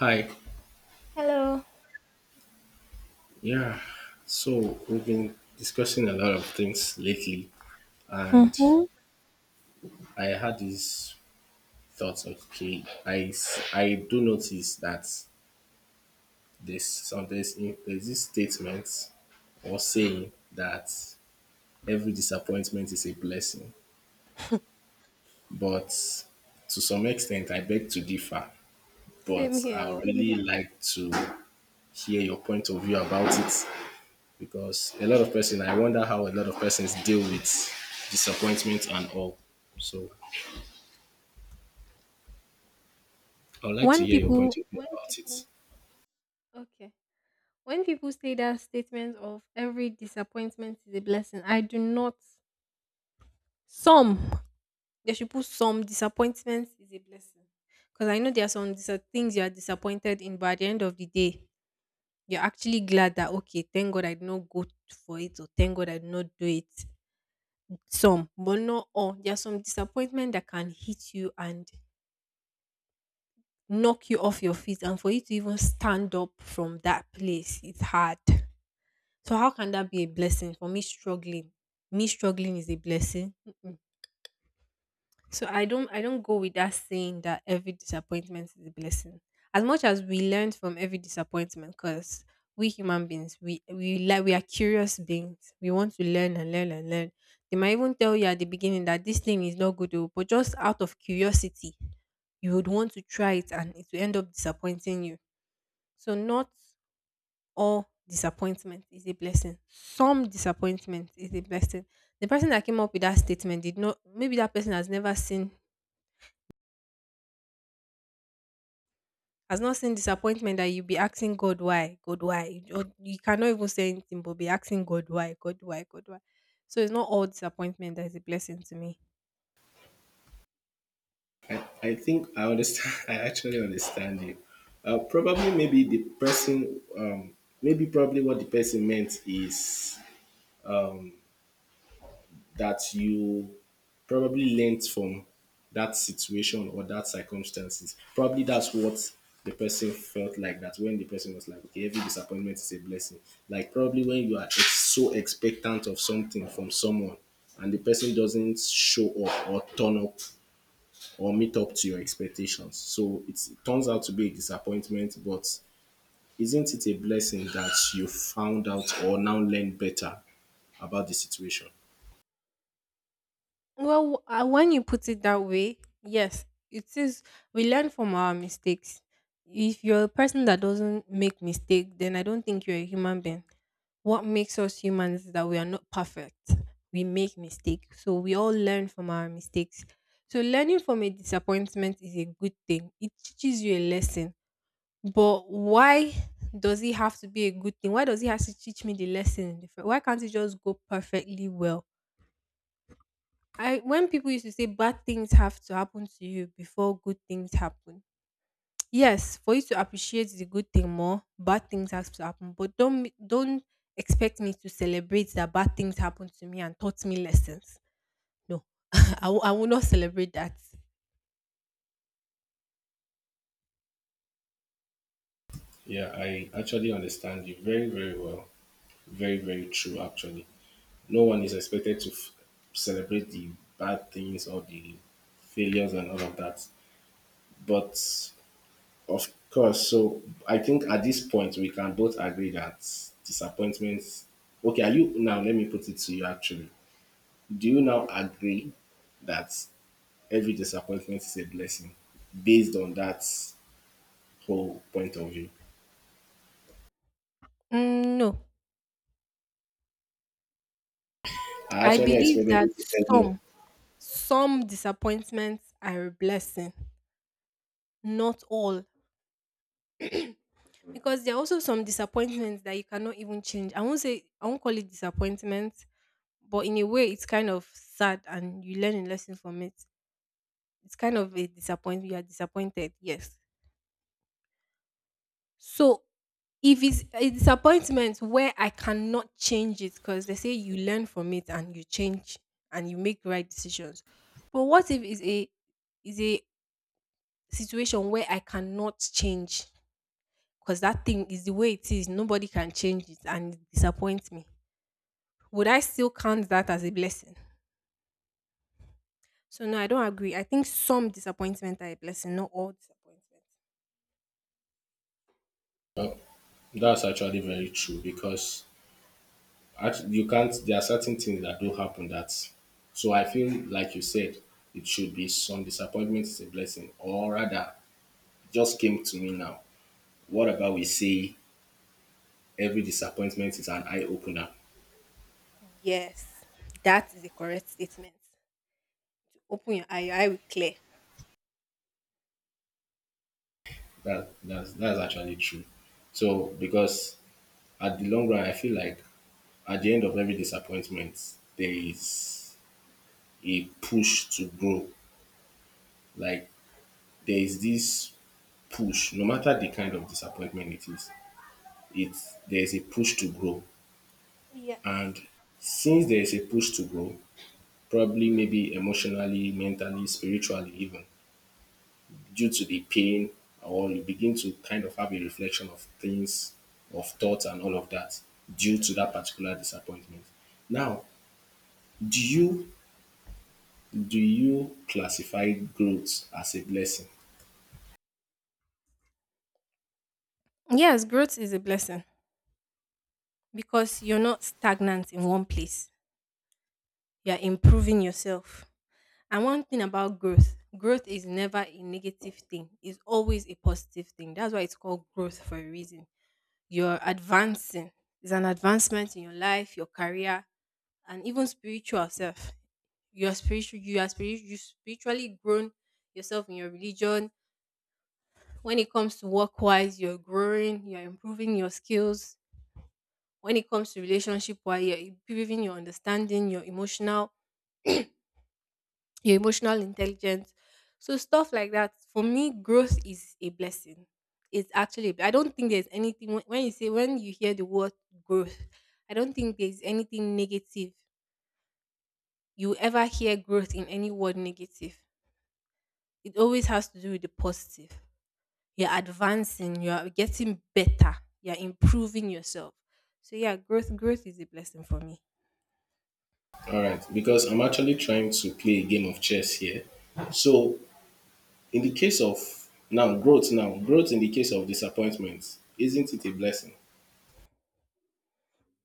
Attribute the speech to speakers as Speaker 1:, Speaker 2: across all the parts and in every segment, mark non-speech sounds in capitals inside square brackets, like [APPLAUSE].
Speaker 1: Hi.
Speaker 2: Hello.
Speaker 1: Yeah. So we've been discussing a lot of things lately, and
Speaker 2: Mm-hmm.
Speaker 1: I had these thoughts. Okay, I do notice that there's this statement or saying that every disappointment is a blessing, but to some extent, I beg to differ.
Speaker 2: Same
Speaker 1: But
Speaker 2: here.
Speaker 1: I would
Speaker 2: Oh.
Speaker 1: really like to hear your point of view about it, because a lot of person, I wonder how a lot of persons deal with disappointment and all, so I would like to
Speaker 2: When
Speaker 1: hear your point
Speaker 2: people,
Speaker 1: of view
Speaker 2: when
Speaker 1: about it.
Speaker 2: people, okay, when people say that statement of every disappointment is a blessing, I do not. Some They should put some disappointment is a blessing, because I know there are some things you are disappointed in, but at the end of the day, you're actually glad that, okay, thank God I did not go for it, or thank God I did not do it. Some, but not all. There are some disappointment that can hit you and knock you off your feet, and for you to even stand up from that place it's hard. So how can that be a blessing? For me struggling, me struggling is a blessing? Mm-mm. So I don't go with that saying that every disappointment is a blessing, as much as we learn from every disappointment. Because we human beings, we like we are curious beings, we want to learn and learn and learn. They might even tell you at the beginning that this thing is not good, oh, but just out of curiosity you would want to try it, and it will end up disappointing you. So not all disappointment is a blessing. Some disappointment is a blessing. The person that came up with that statement did not maybe that person has never seen, has not seen disappointment that you be asking God why, God why. Or you cannot even say anything but be asking God why, God why, God why. So it's not all disappointment that is a blessing to me.
Speaker 1: I think I understand. [LAUGHS] I actually understand you. Probably maybe the person, maybe probably what the person meant is that you probably learnt from that situation or that circumstances. Probably that's what the person felt like, that when the person was like, okay, every disappointment is a blessing. Like probably when you are so expectant of something from someone and the person doesn't show up or turn up or meet up to your expectations. It turns out to be a disappointment, but isn't it a blessing that you found out or now learn better about the situation?
Speaker 2: Well, when you put it that way, yes, it is. We learn from our mistakes. If you're a person that doesn't make mistake, then I don't think you're a human being. What makes us humans is that we are not perfect. We make mistakes. So we all learn from our mistakes. So learning from a disappointment is a good thing. It teaches you a lesson. But why does it have to be a good thing? Why does it have to teach me the lesson? Why can't it just go perfectly well? I When people used to say bad things have to happen to you before good things happen, yes, for you to appreciate the good thing more, bad things have to happen. But don't expect me to celebrate that bad things happened to me and taught me lessons. No, [LAUGHS] I will not celebrate that.
Speaker 1: Yeah, I actually understand you very, very well. Very, very true, actually. No one is expected to celebrate the bad things or the failures and all of that. But of course, so I think at this point, we can both agree that disappointments. Okay, are you now? Let me put it to you actually. Do you now agree that every disappointment is a blessing based on that whole point of view?
Speaker 2: Mm, no,
Speaker 1: I
Speaker 2: I
Speaker 1: actually
Speaker 2: believe
Speaker 1: expected
Speaker 2: that
Speaker 1: you to say no.
Speaker 2: some some disappointments are a blessing, not all, because there are also some disappointments that you cannot even change. I won't call it disappointment, but in a way, it's kind of sad, and you learn a lesson from it. It's kind of a disappointment. You are disappointed, yes. So if it's a disappointment where I cannot change it, because they say you learn from it and you change and you make right decisions. But what if it's a is a situation where I cannot change, because that thing is the way it is, nobody can change it and it disappoints me. Would I still count that as a blessing? So no, I don't agree. I think some disappointment are a blessing, not all disappointment.
Speaker 1: That's actually very true because you can't. There are certain things that do happen that. So I feel like you said it should be some disappointment is a blessing, or rather, just came to me now. What about we say every disappointment is an eye opener?
Speaker 2: Yes, that is a correct statement. Open your eye will clear.
Speaker 1: That's actually true. So because at the long run, I feel like at the end of every disappointment, there is a push to grow. Like there is this push, no matter the kind of disappointment it is, it's there's a push to grow.
Speaker 2: Yes.
Speaker 1: And since there's a push to grow, probably maybe emotionally, mentally, spiritually, even due to the pain, or you begin to kind of have a reflection of things, of thoughts, and all of that due to that particular disappointment. Now, do you do you classify growth as a blessing?
Speaker 2: Yes, growth is a blessing because you're not stagnant in one place. You're improving yourself. And one thing about growth, growth is never a negative thing. It's always a positive thing. That's why it's called growth for a reason. You're advancing. It's an advancement in your life, your career, and even spiritual self. You're spiritual. You are spiritual. You spiritually grown yourself in your religion. When it comes to work wise, you're growing. You're improving your skills. When it comes to relationship, where you're improving your understanding, your emotional intelligence. So stuff like that. For me, growth is a blessing. It's actually, I don't think there's anything, when you hear the word growth, I don't think there's anything negative. You ever hear growth in any word negative? It always has to do with the positive. You're advancing, you're getting better, you're improving yourself. So yeah, growth is a blessing for me.
Speaker 1: All right, because I'm actually trying to play a game of chess here. So in the case of, now growth in the case of disappointment, isn't it a blessing?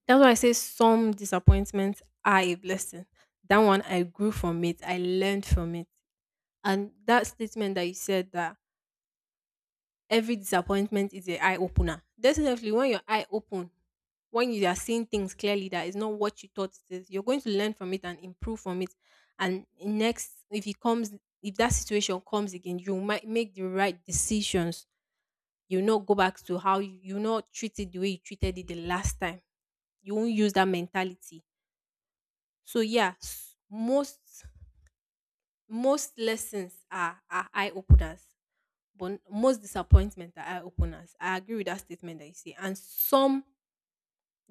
Speaker 2: That's why I say some disappointments are a blessing. That one, I grew from it. I learned from it. And that statement that you said, that every disappointment is an eye opener. Definitely, when your eye open, when you are seeing things clearly that is not what you thought it is, you're going to learn from it and improve from it. And next, if it comes, if that situation comes again, you might make the right decisions. You not go back to how you not treat it the way you treated it the last time. You won't use that mentality. So yeah, most lessons are eye openers, but most disappointments are eye openers. I agree with that statement that you say. And some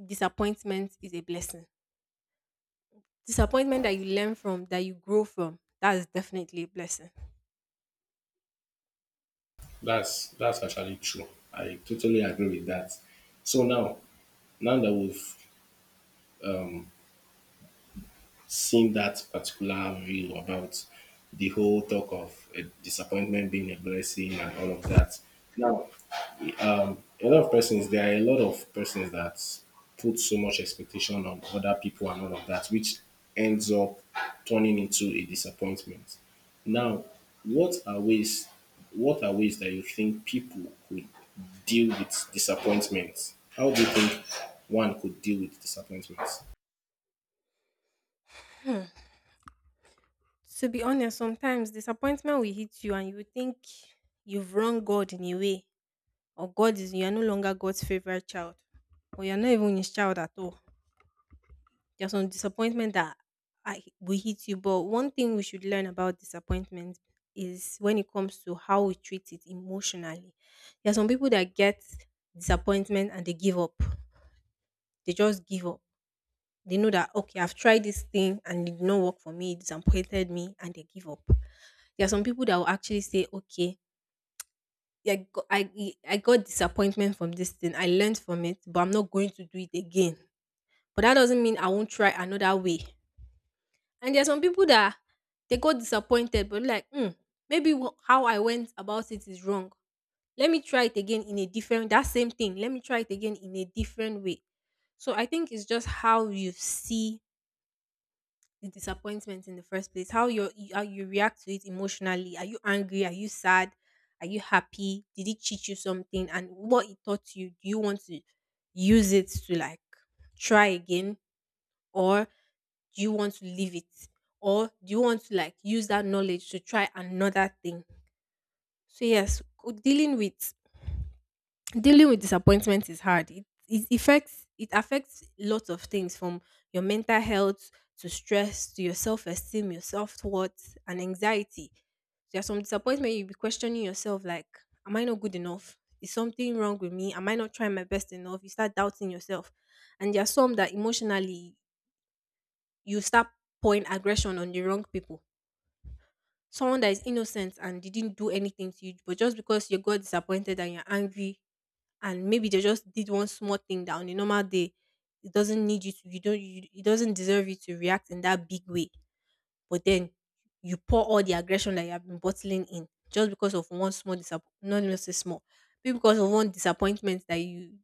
Speaker 2: disappointment is a blessing. Disappointment that you learn from, that you grow from, that is definitely a blessing.
Speaker 1: That's actually true. I totally agree with that. So now, now that we've um, seen that particular view about the whole talk of a disappointment being a blessing and all of that, now, a lot of persons there are a lot of persons that put so much expectation on other people and all of that, which ends up turning into a disappointment. Now, what are ways what are ways that you think people could deal with disappointments? How do you think one could deal with disappointments?
Speaker 2: To be honest, sometimes disappointment will hit you and you will think you've wronged God in a way, or God is you are no longer God's favorite child, or you're not even his child at all. There's some disappointment that I will hit you, but one thing we should learn about disappointment is when it comes to how we treat it emotionally. There are some people that get disappointment and they give up. They just give up. They know that, okay, I've tried this thing and it did not work for me. It disappointed me, and they give up. There are some people that will actually say, okay, yeah, I got disappointment from this thing. I learned from it, but I'm not going to do it again. But that doesn't mean I won't try another way. And there are some people that they got disappointed, but like, maybe how I went about it is wrong. Let me try it again in a different, that same thing. Let me try it again in a different way. So I think it's just how you see the disappointment in the first place, how you react to it emotionally. Are you angry? Are you sad? Are you happy? Did it teach you something? And what it taught you? Do you want to use it to, like, try again? Or do you want to leave it, or do you want to, like, use that knowledge to try another thing? So yes, dealing with disappointment is hard. It affects lots of things, from your mental health, to stress, to your self-esteem, your self-worth, and anxiety. There's some disappointment you'll be questioning yourself, like, am I not good enough? Is something wrong with me? Am I not trying my best enough? You start doubting yourself. And there are some that emotionally, you start pouring aggression on the wrong people. Someone that is innocent and didn't do anything to you, but just because you got disappointed and you're angry, and maybe they just did one small thing that, on a normal day, it doesn't deserve you to react in that big way. But then you pour all the aggression that you have been bottling in, just because of one small disappointment, not necessarily small, maybe because of one disappointment that you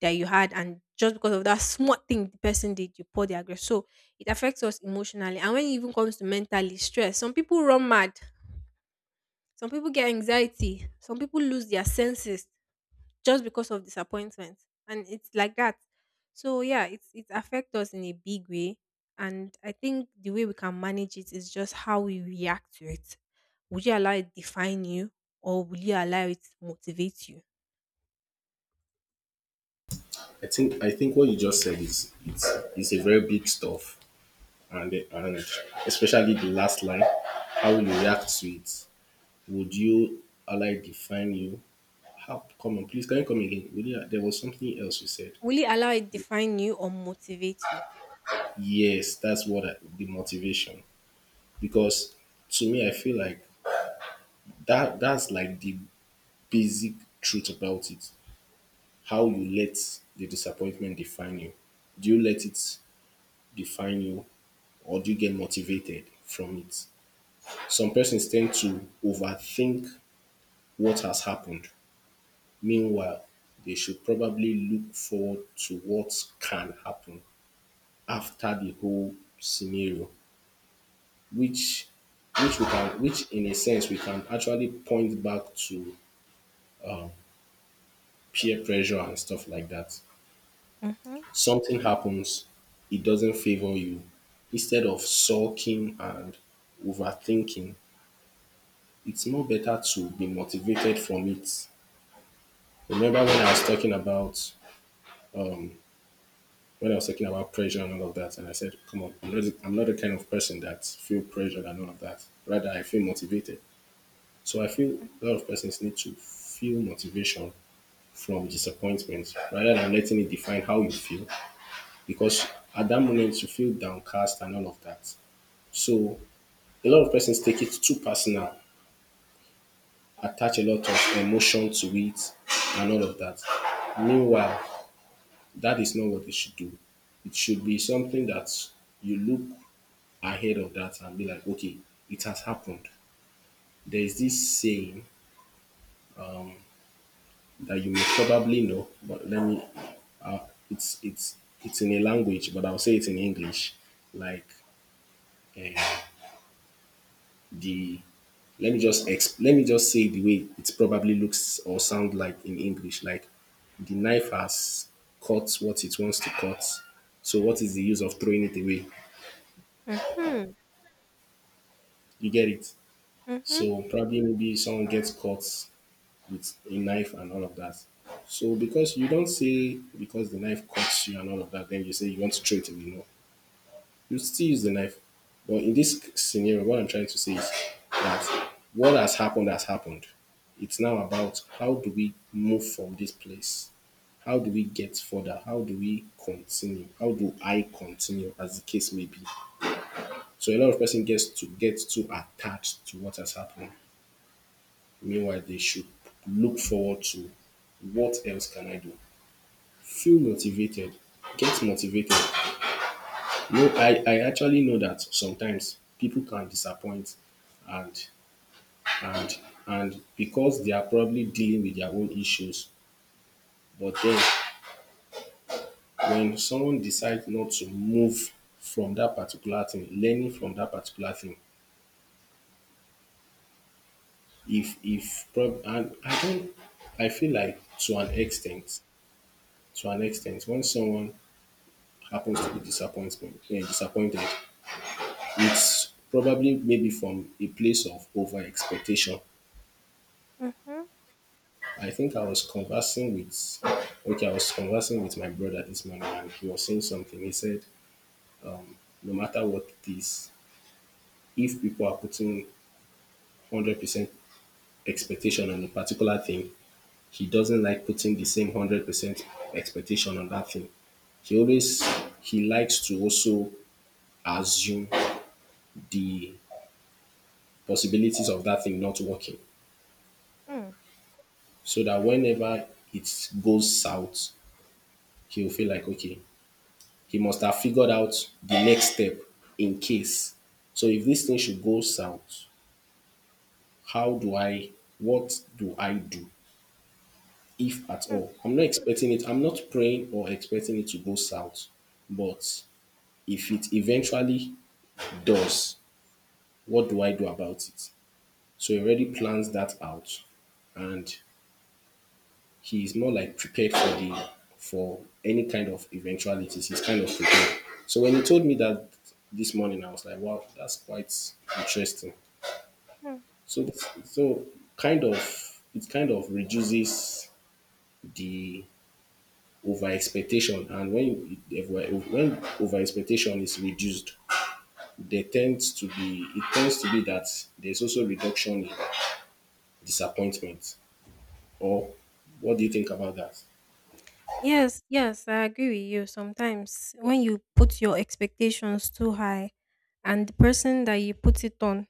Speaker 2: that you had, and just because of that small thing the person did, you pour the aggression. So it affects us emotionally, and when it even comes to mentally stress, some people run mad, some people get anxiety, some people lose their senses just because of disappointment. And it's like that. So yeah, it affects us in a big way. And I think the way we can manage it is just how we react to it. Would you allow it define you, or will you allow it motivate you?
Speaker 1: I think what you just said is is a very big stuff. And especially the last line, how you react to it. Would you ally define you? How, come on, please, can you come again? Would you, there was something else you said.
Speaker 2: Will you allow it define you or motivate you?
Speaker 1: Yes, that's what the motivation. Because to me, I feel like that's like the basic truth about it. How you let the disappointment define you. Do you let it define you, or do you get motivated from it? Some persons tend to overthink what has happened. Meanwhile, they should probably look forward to what can happen after the whole scenario, which which we can which in a sense we can actually point back to peer pressure and stuff like that.
Speaker 2: Mm-hmm.
Speaker 1: Something happens, it doesn't favor you. Instead of sulking and overthinking, it's more better to be motivated from it. Remember when I was talking about, when I was talking about pressure and all of that, and I said, "Come on, I'm not the kind of person that feel pressured and all of that. Rather, I feel motivated." So I feel a lot of persons need to feel motivation from disappointment rather than letting it define how you feel, because at that moment you feel downcast and all of that. So a lot of persons take it too personal, attach a lot of emotion to it and all of that. Meanwhile, that is not what they should do. It should be something that you look ahead of that and be like, okay, it has happened. There is this saying that you may probably know, but let me. Uh, it's in a language, but I'll say it in English. Like, uh, the, let me just say the way it probably looks or sound like in English. Like the knife has cut what it wants to cut. So what is the use of throwing it away?
Speaker 2: Mm-hmm.
Speaker 1: You get it.
Speaker 2: Mm-hmm.
Speaker 1: So probably maybe someone gets caught with a knife and all of that. So because you don't say, because the knife cuts you and all of that, then you say you want to throw it away. No, you still use the knife. But in this scenario, what I'm trying to say is that what has happened has happened. It's now about, how do we move from this place? How do we get further? How do we continue? How do I continue, as the case may be? So a lot of person gets to get too attached to what has happened. Meanwhile, they should look forward to, what else can I do? Feel motivated, get motivated. No, I actually know that sometimes people can disappoint and and and because they are probably dealing with their own issues. But then when someone decides not to move from that particular thing, learning from that particular thing, if prob- and I don't, I feel like to an extent, when someone happens to be disappointed, disappointed, it's probably maybe from a place of over expectation.
Speaker 2: Mm-hmm.
Speaker 1: I think I was conversing with, okay, I was conversing with my brother this morning and he was saying something. He said, no matter what it is, if people are putting 100% expectation on a particular thing, he doesn't like putting the same 100% expectation on that thing. He always, he likes to also assume the possibilities of that thing not working.
Speaker 2: Mm-hmm.
Speaker 1: So that whenever it goes south, he'll feel like, okay, he must have figured out the next step in case. So if this thing should go south, how do I, what do I do, if at all? I'm not expecting it, I'm not praying or expecting it to go south. But if it eventually does, what do I do about it? So he already plans that out, and he is more like prepared for the, for any kind of eventualities. He's kind of prepared. So when he told me that this morning, I was like, wow, that's quite interesting.
Speaker 2: Mm-hmm.
Speaker 1: So so kind of, it kind of reduces the over expectation. And when if when over expectation is reduced, there tends to be it tends to be that there's also reduction in disappointment, or what do you think about that?
Speaker 2: Yes, yes, I agree with you. Sometimes when you put your expectations too high, and the person that you put it on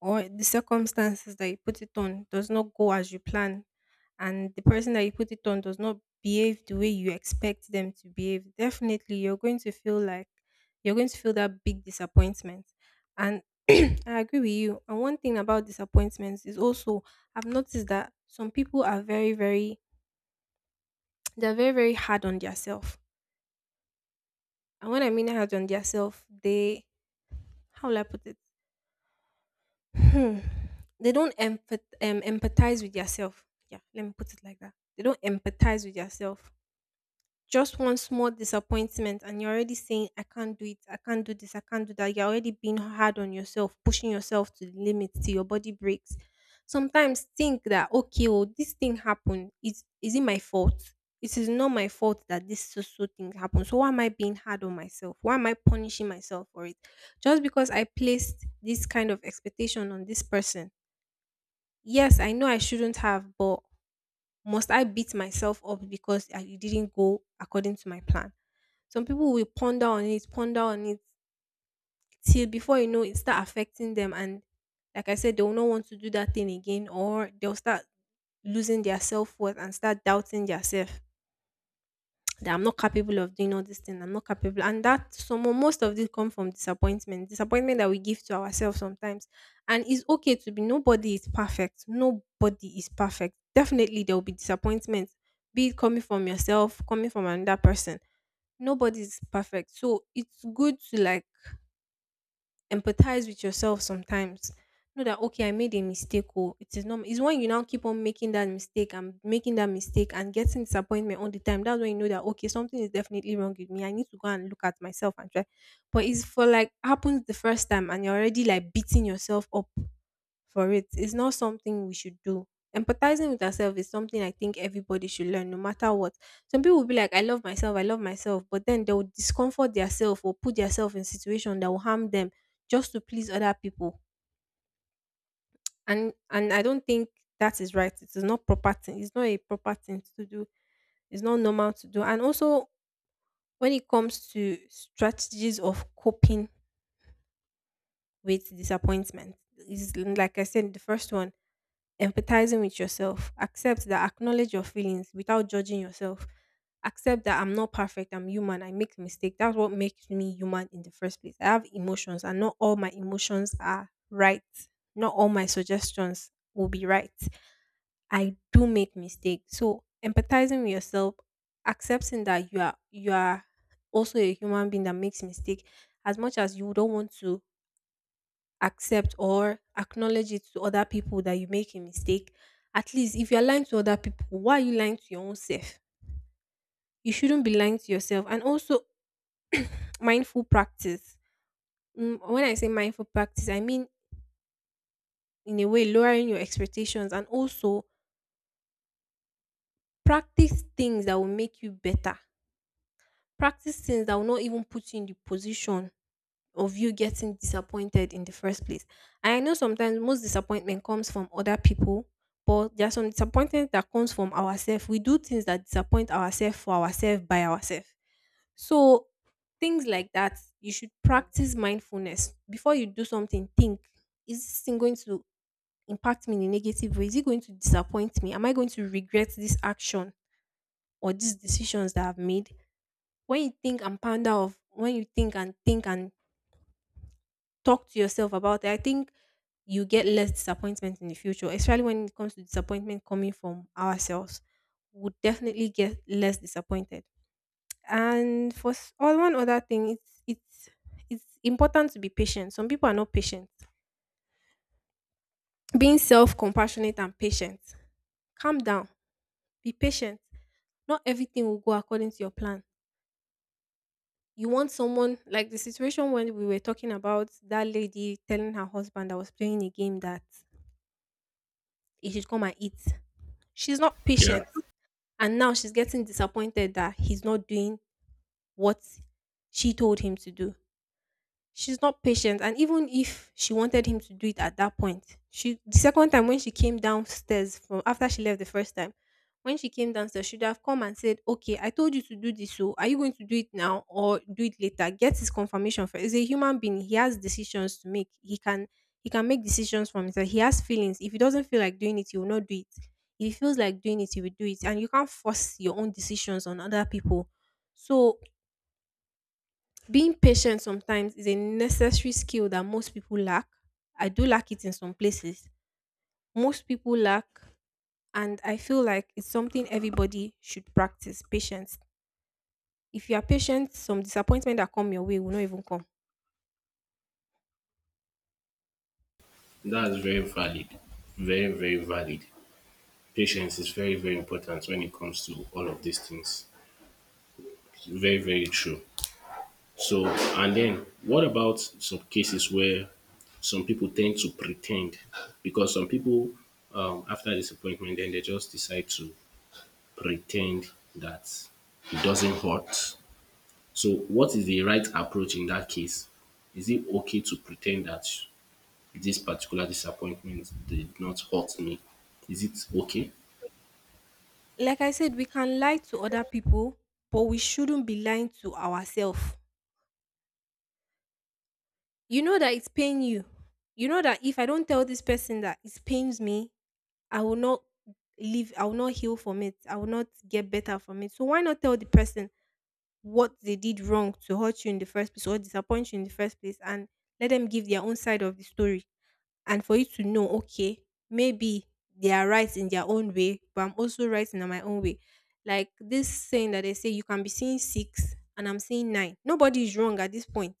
Speaker 2: or the circumstances that you put it on does not go as you plan, and the person that you put it on does not behave the way you expect them to behave, definitely, you're going to feel that big disappointment. And [CLEARS THROAT] I agree with you. And one thing about disappointments is also, I've noticed that some people are very, very they're very, very hard on themselves. And when I mean hard on themselves, they how will I put it? Hmm. They don't empathize with yourself. Yeah, let me put it like that. They don't empathize with yourself. Just one small disappointment, and you're already saying, I can't do it, I can't do this, I can't do that. You're already being hard on yourself, pushing yourself to the limit till your body breaks. Sometimes think that, okay, well, this thing happened. Is it my fault? It is not my fault that this so thing happened. So why am I being hard on myself? Why am I punishing myself for it? Just because I placed this kind of expectation on this person. Yes, I know I shouldn't have, but must I beat myself up because it didn't go according to my plan? Some people will ponder on it till before you know it start affecting them, and like I said, they will not want to do that thing again, or they'll start losing their self worth and start doubting themselves that I'm not capable of doing all this thing. I'm not capable. And that some most of this come from disappointment. Disappointment that we give to ourselves sometimes. And it's okay to be Nobody is perfect. Nobody is perfect. Definitely there will be disappointments, be it coming from yourself, coming from another person. Nobody's perfect. So it's good to like empathize with yourself sometimes. Know that okay, I made a mistake. Oh, it is normal. It's when you now keep on making that mistake and making that mistake and getting disappointment all the time. That's when you know that okay, something is definitely wrong with me. I need to go and look at myself and try. But it's for like happens the first time and you're already like beating yourself up for it. It's not something we should do. Empathizing with ourselves is something I think everybody should learn, no matter what. Some people will be like, I love myself, but then they will discomfort themselves or put themselves in situation that will harm them just to please other people. And I don't think that is right. It is not proper thing. It's not a proper thing to do. It's not normal to do. And also, when it comes to strategies of coping with disappointment, is like I said, the first one, empathizing with yourself. Accept that Acknowledge your feelings without judging yourself. Accept that I'm not perfect, I'm human, I make mistakes. That's what makes me human in the first place. I have emotions, and not all my emotions are right. Not all my suggestions will be right. I do make mistakes. So empathizing with yourself, accepting that you are also a human being that makes mistake. As much as you don't want to accept or acknowledge it to other people that you make a mistake. At least if you're lying to other people, why are you lying to your own self? You shouldn't be lying to yourself. And also, [TSK] mindful practice. When I say mindful practice, I mean, in a way, lowering your expectations and also practice things that will make you better. Practice things that will not even put you in the position of you getting disappointed in the first place. And I know sometimes most disappointment comes from other people, but there are some disappointment that comes from ourselves. We do things that disappoint ourselves for ourselves by ourselves. So things like that, you should practice mindfulness. Before you do something, think, is this thing going to impact me in a negative way? Is it going to disappoint me? Am I going to regret this action or these decisions that I've made? When you think and talk to yourself about it. I think you get less disappointment in the future, especially when it comes to disappointment coming from ourselves. Would definitely get less disappointed. And for all one other thing, it's important to be patient. Some people are not patient. Being self-compassionate and patient. Calm down. Be patient. Not everything will go according to your plan. You want someone like the situation when we were talking about that lady telling her husband that was playing a game that he should come and eat. She's not
Speaker 1: Yeah.
Speaker 2: patient. And now she's getting disappointed that he's not doing what she told him to do. She's not patient. And even if she wanted him to do it at that point, she, the second time when she came downstairs from after she left the first time, when she came downstairs, she'd have come and said, okay, I told you to do this, so are you going to do it now or do it later? Get his confirmation first. He's a human being, he has decisions to make. He can make decisions from himself. He has feelings. If he doesn't feel like doing it, he will not do it. If he feels like doing it, he will do it. And you can't force your own decisions on other people. So being patient sometimes is a necessary skill that most people lack. I do lack it in some places. Most people lack, and I feel like it's something everybody should practice patience. If you are patient, some disappointment that come your way will not even come.
Speaker 1: That's very valid. Very, very valid. Patience is very, very important when it comes to all of these things. Very, very true. So, and then what about some cases where some people tend to pretend? Because some people, after disappointment, then they just decide to pretend that it doesn't hurt. So, what is the right approach in that case? Is it okay to pretend that this particular disappointment did not hurt me? Is it okay?
Speaker 2: Like I said, we can lie to other people, but we shouldn't be lying to ourselves. You know that it's paying you. You know that if I don't tell this person that it pains me, I will not live, I will not heal from it. I will not get better from it. So why not tell the person what they did wrong to hurt you in the first place or disappoint you in the first place, and let them give their own side of the story, and for you to know, okay, maybe they are right in their own way, but I'm also right in my own way. Like this saying that they say, you can be seeing six and I'm seeing nine. Nobody is wrong at this point.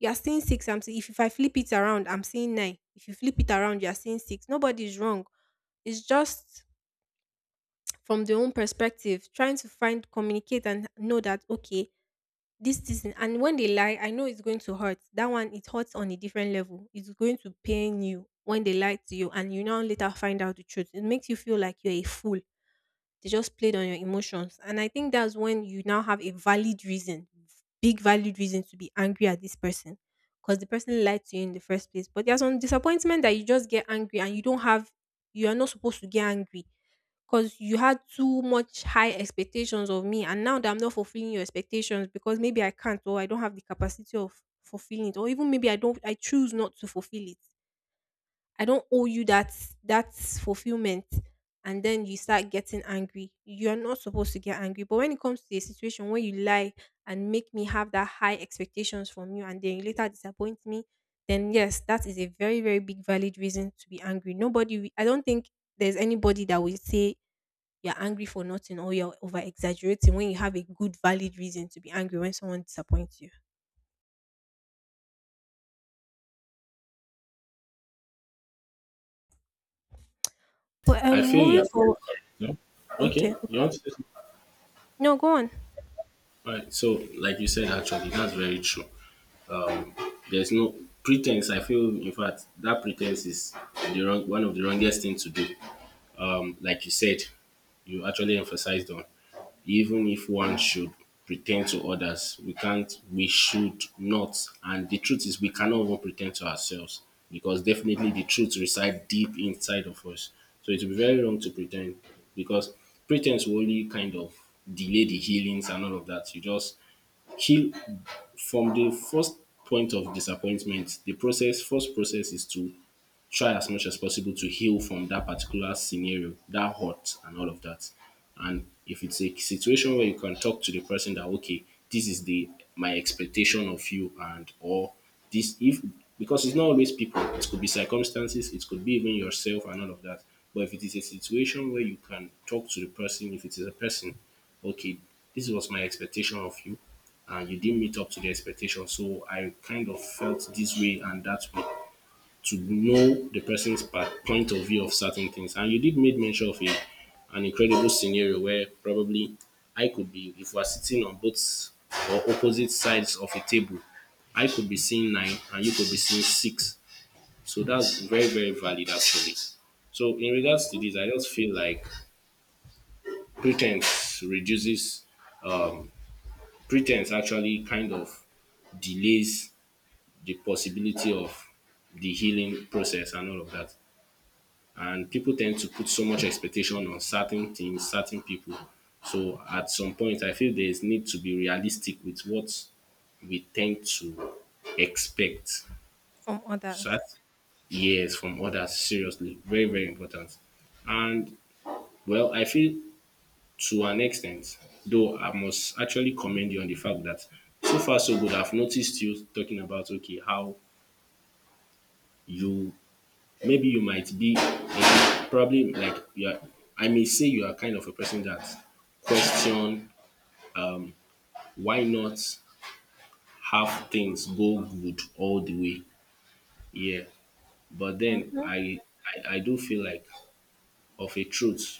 Speaker 2: You are seeing six. I'm seeing, if I flip it around, I'm seeing nine. If you flip it around, you are seeing six. Nobody is wrong. It's just from their own perspective, trying to find, communicate, and know that, okay, this season, and when they lie, I know it's going to hurt. That one, it hurts on a different level. It's going to pain you when they lie to you, and you now later find out the truth. It makes you feel like you're a fool. They just played on your emotions. And I think that's when you now have a valid reason, big valid reason to be angry at this person because the person lied to you in the first place. But there's some disappointment that you just get angry and you don't have, you are not supposed to get angry because you had too much high expectations of me, and now that I'm not fulfilling your expectations because maybe I can't or I don't have the capacity of fulfilling it, or even maybe I choose not to fulfill it. I don't owe you that fulfillment. And then you start getting angry. You're not supposed to get angry. But when it comes to a situation where you lie and make me have that high expectations from you and then you later disappoint me, then yes, that is a very, very big valid reason to be angry. Nobody, I don't think there's anybody that will say you're angry for nothing or you're over exaggerating when you have a good, valid reason to be angry when someone disappoints you. But
Speaker 1: I feel you
Speaker 2: moving
Speaker 1: are very,
Speaker 2: forward,
Speaker 1: no? Okay,
Speaker 2: okay,
Speaker 1: you want to say something?
Speaker 2: no, go on.
Speaker 1: Right. So, like you said, actually, that's very true. There's no pretense. I feel, in fact, that pretense is one of the wrongest thing to do. Like you said, you actually emphasized on, even if one should pretend to others, we can't, we should not. And the truth is, we cannot even pretend to ourselves, because definitely the truth resides deep inside of us. So it will be very wrong to pretend, because pretense will only kind of delay the healings and all of that. You just heal from the first point of disappointment. The process, first process is to try as much as possible to heal from that particular scenario, that hurt and all of that. And if it's a situation where you can talk to the person that, okay, this is the my expectation of you and, or this, if, because it's not always people, it could be circumstances, it could be even yourself and all of that. But if it is a situation where you can talk to the person, if it is a person, okay, this was my expectation of you and you didn't meet up to the expectation. So I kind of felt this way and that way, to know the person's point of view of certain things. And you did made mention of an incredible scenario where probably I could be, if we're sitting on both or opposite sides of a table, I could be seeing nine and you could be seeing six. So that's very, very valid actually. So in regards to
Speaker 2: Mhm.
Speaker 1: this, I just feel like pretense reduces, um, pretense actually kind of delays the possibility of the healing process and all of that. And people tend to put so much expectation on certain things, certain people. So at some point, I feel there is need to be realistic with what we tend to expect.
Speaker 2: From
Speaker 1: So
Speaker 2: others.
Speaker 1: that's, yes, from others. Seriously, very very important. And well, I feel to an extent, though I must actually commend you on the fact that so far so good. I've noticed you talking about, okay, how you, maybe you might be a, probably like you are, I may say you are kind of a person that question, why not have things go good all the way. Yeah. But then
Speaker 2: Mhm.
Speaker 1: I do feel like, of a truth,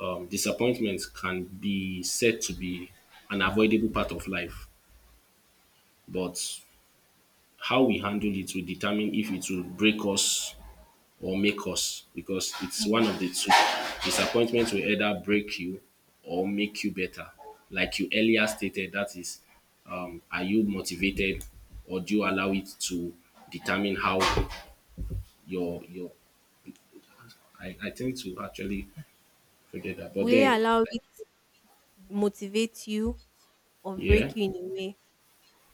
Speaker 1: disappointment can be said to be an avoidable part of life, but how we handle it will determine if it will break us or make us, because it's one
Speaker 2: Yeah.
Speaker 1: of the two. Disappointment will either break you or make you better. Like you earlier stated, that is, are you motivated or do you allow it to determine how your, I tend to actually forget that. But
Speaker 2: Will you
Speaker 1: then
Speaker 2: allow
Speaker 1: like,
Speaker 2: it motivate you or
Speaker 1: yeah,
Speaker 2: break you in a way?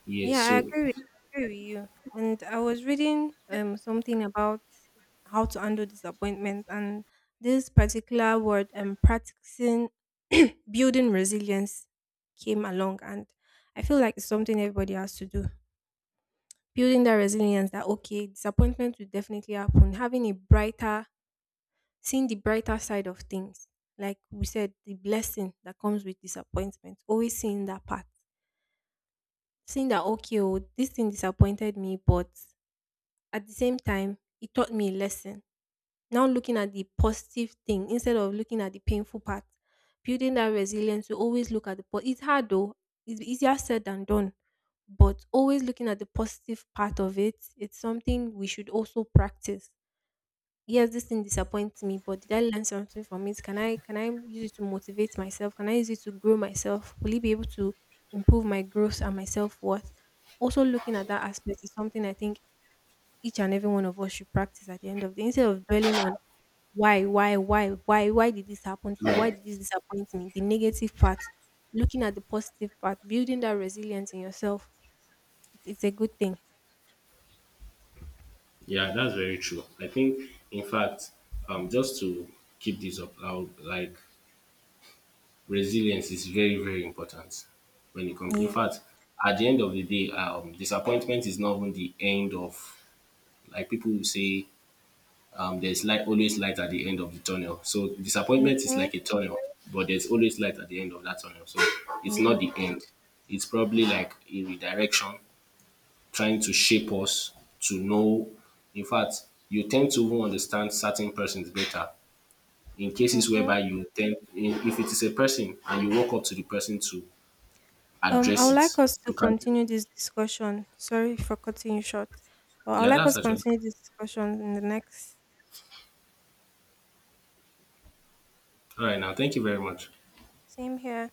Speaker 1: yeah,
Speaker 2: Yeah, I
Speaker 1: so
Speaker 2: agree with, I agree with you. And I was reading something about how to handle disappointment, and this particular word, practicing [CLEARS THROAT] building resilience, came along, and I feel like it's something everybody has to do. Building that resilience that okay, disappointment will definitely happen. Having a brighter Seeing the brighter side of things, like we said, the blessing that comes with disappointment, always seeing that part. Seeing that, okay, oh, this thing disappointed me, but at the same time, it taught me a lesson. Now looking at the positive thing instead of looking at the painful part, building that resilience, you always look at the, po- it's hard though, it's easier said than done, but always looking at the positive part of it, it's something we should also practice. Yes, this thing disappoints me, but did I learn something from it? Can I use it to motivate myself? Can I use it to grow myself? Will it be able to improve my growth and my self worth? Also looking at that aspect is something I think each and every one of us should practice at the end of the day. Instead of dwelling on why did this happen? Why
Speaker 1: yeah,
Speaker 2: did this disappoint me? The negative part, looking at the positive part, building that resilience in yourself. It's a good thing.
Speaker 1: that's very true. I think in fact, just to keep this up, I'll like, resilience is very, very important when it comes. In
Speaker 2: Yes.
Speaker 1: fact, at the end of the day, disappointment is not even the end of, like people will say, there's light, always light at the end of the tunnel. So disappointment is
Speaker 2: Mm-hmm.
Speaker 1: like a tunnel, but there's always light at the end of that tunnel. So it's not the
Speaker 2: Yes.
Speaker 1: end. It's probably like a redirection trying to shape us to know. In fact, you tend to even understand certain persons better in cases
Speaker 2: Mm-hmm.
Speaker 1: whereby you tend if it is a person and you walk up to the person to
Speaker 2: I
Speaker 1: address
Speaker 2: would
Speaker 1: it.
Speaker 2: like us to
Speaker 1: You can,
Speaker 2: continue this discussion. Sorry for cutting you short, but I
Speaker 1: yeah,
Speaker 2: would like
Speaker 1: that's
Speaker 2: us to
Speaker 1: actually
Speaker 2: continue this discussion in the next.
Speaker 1: all right now. Thank you very much.
Speaker 2: Same here.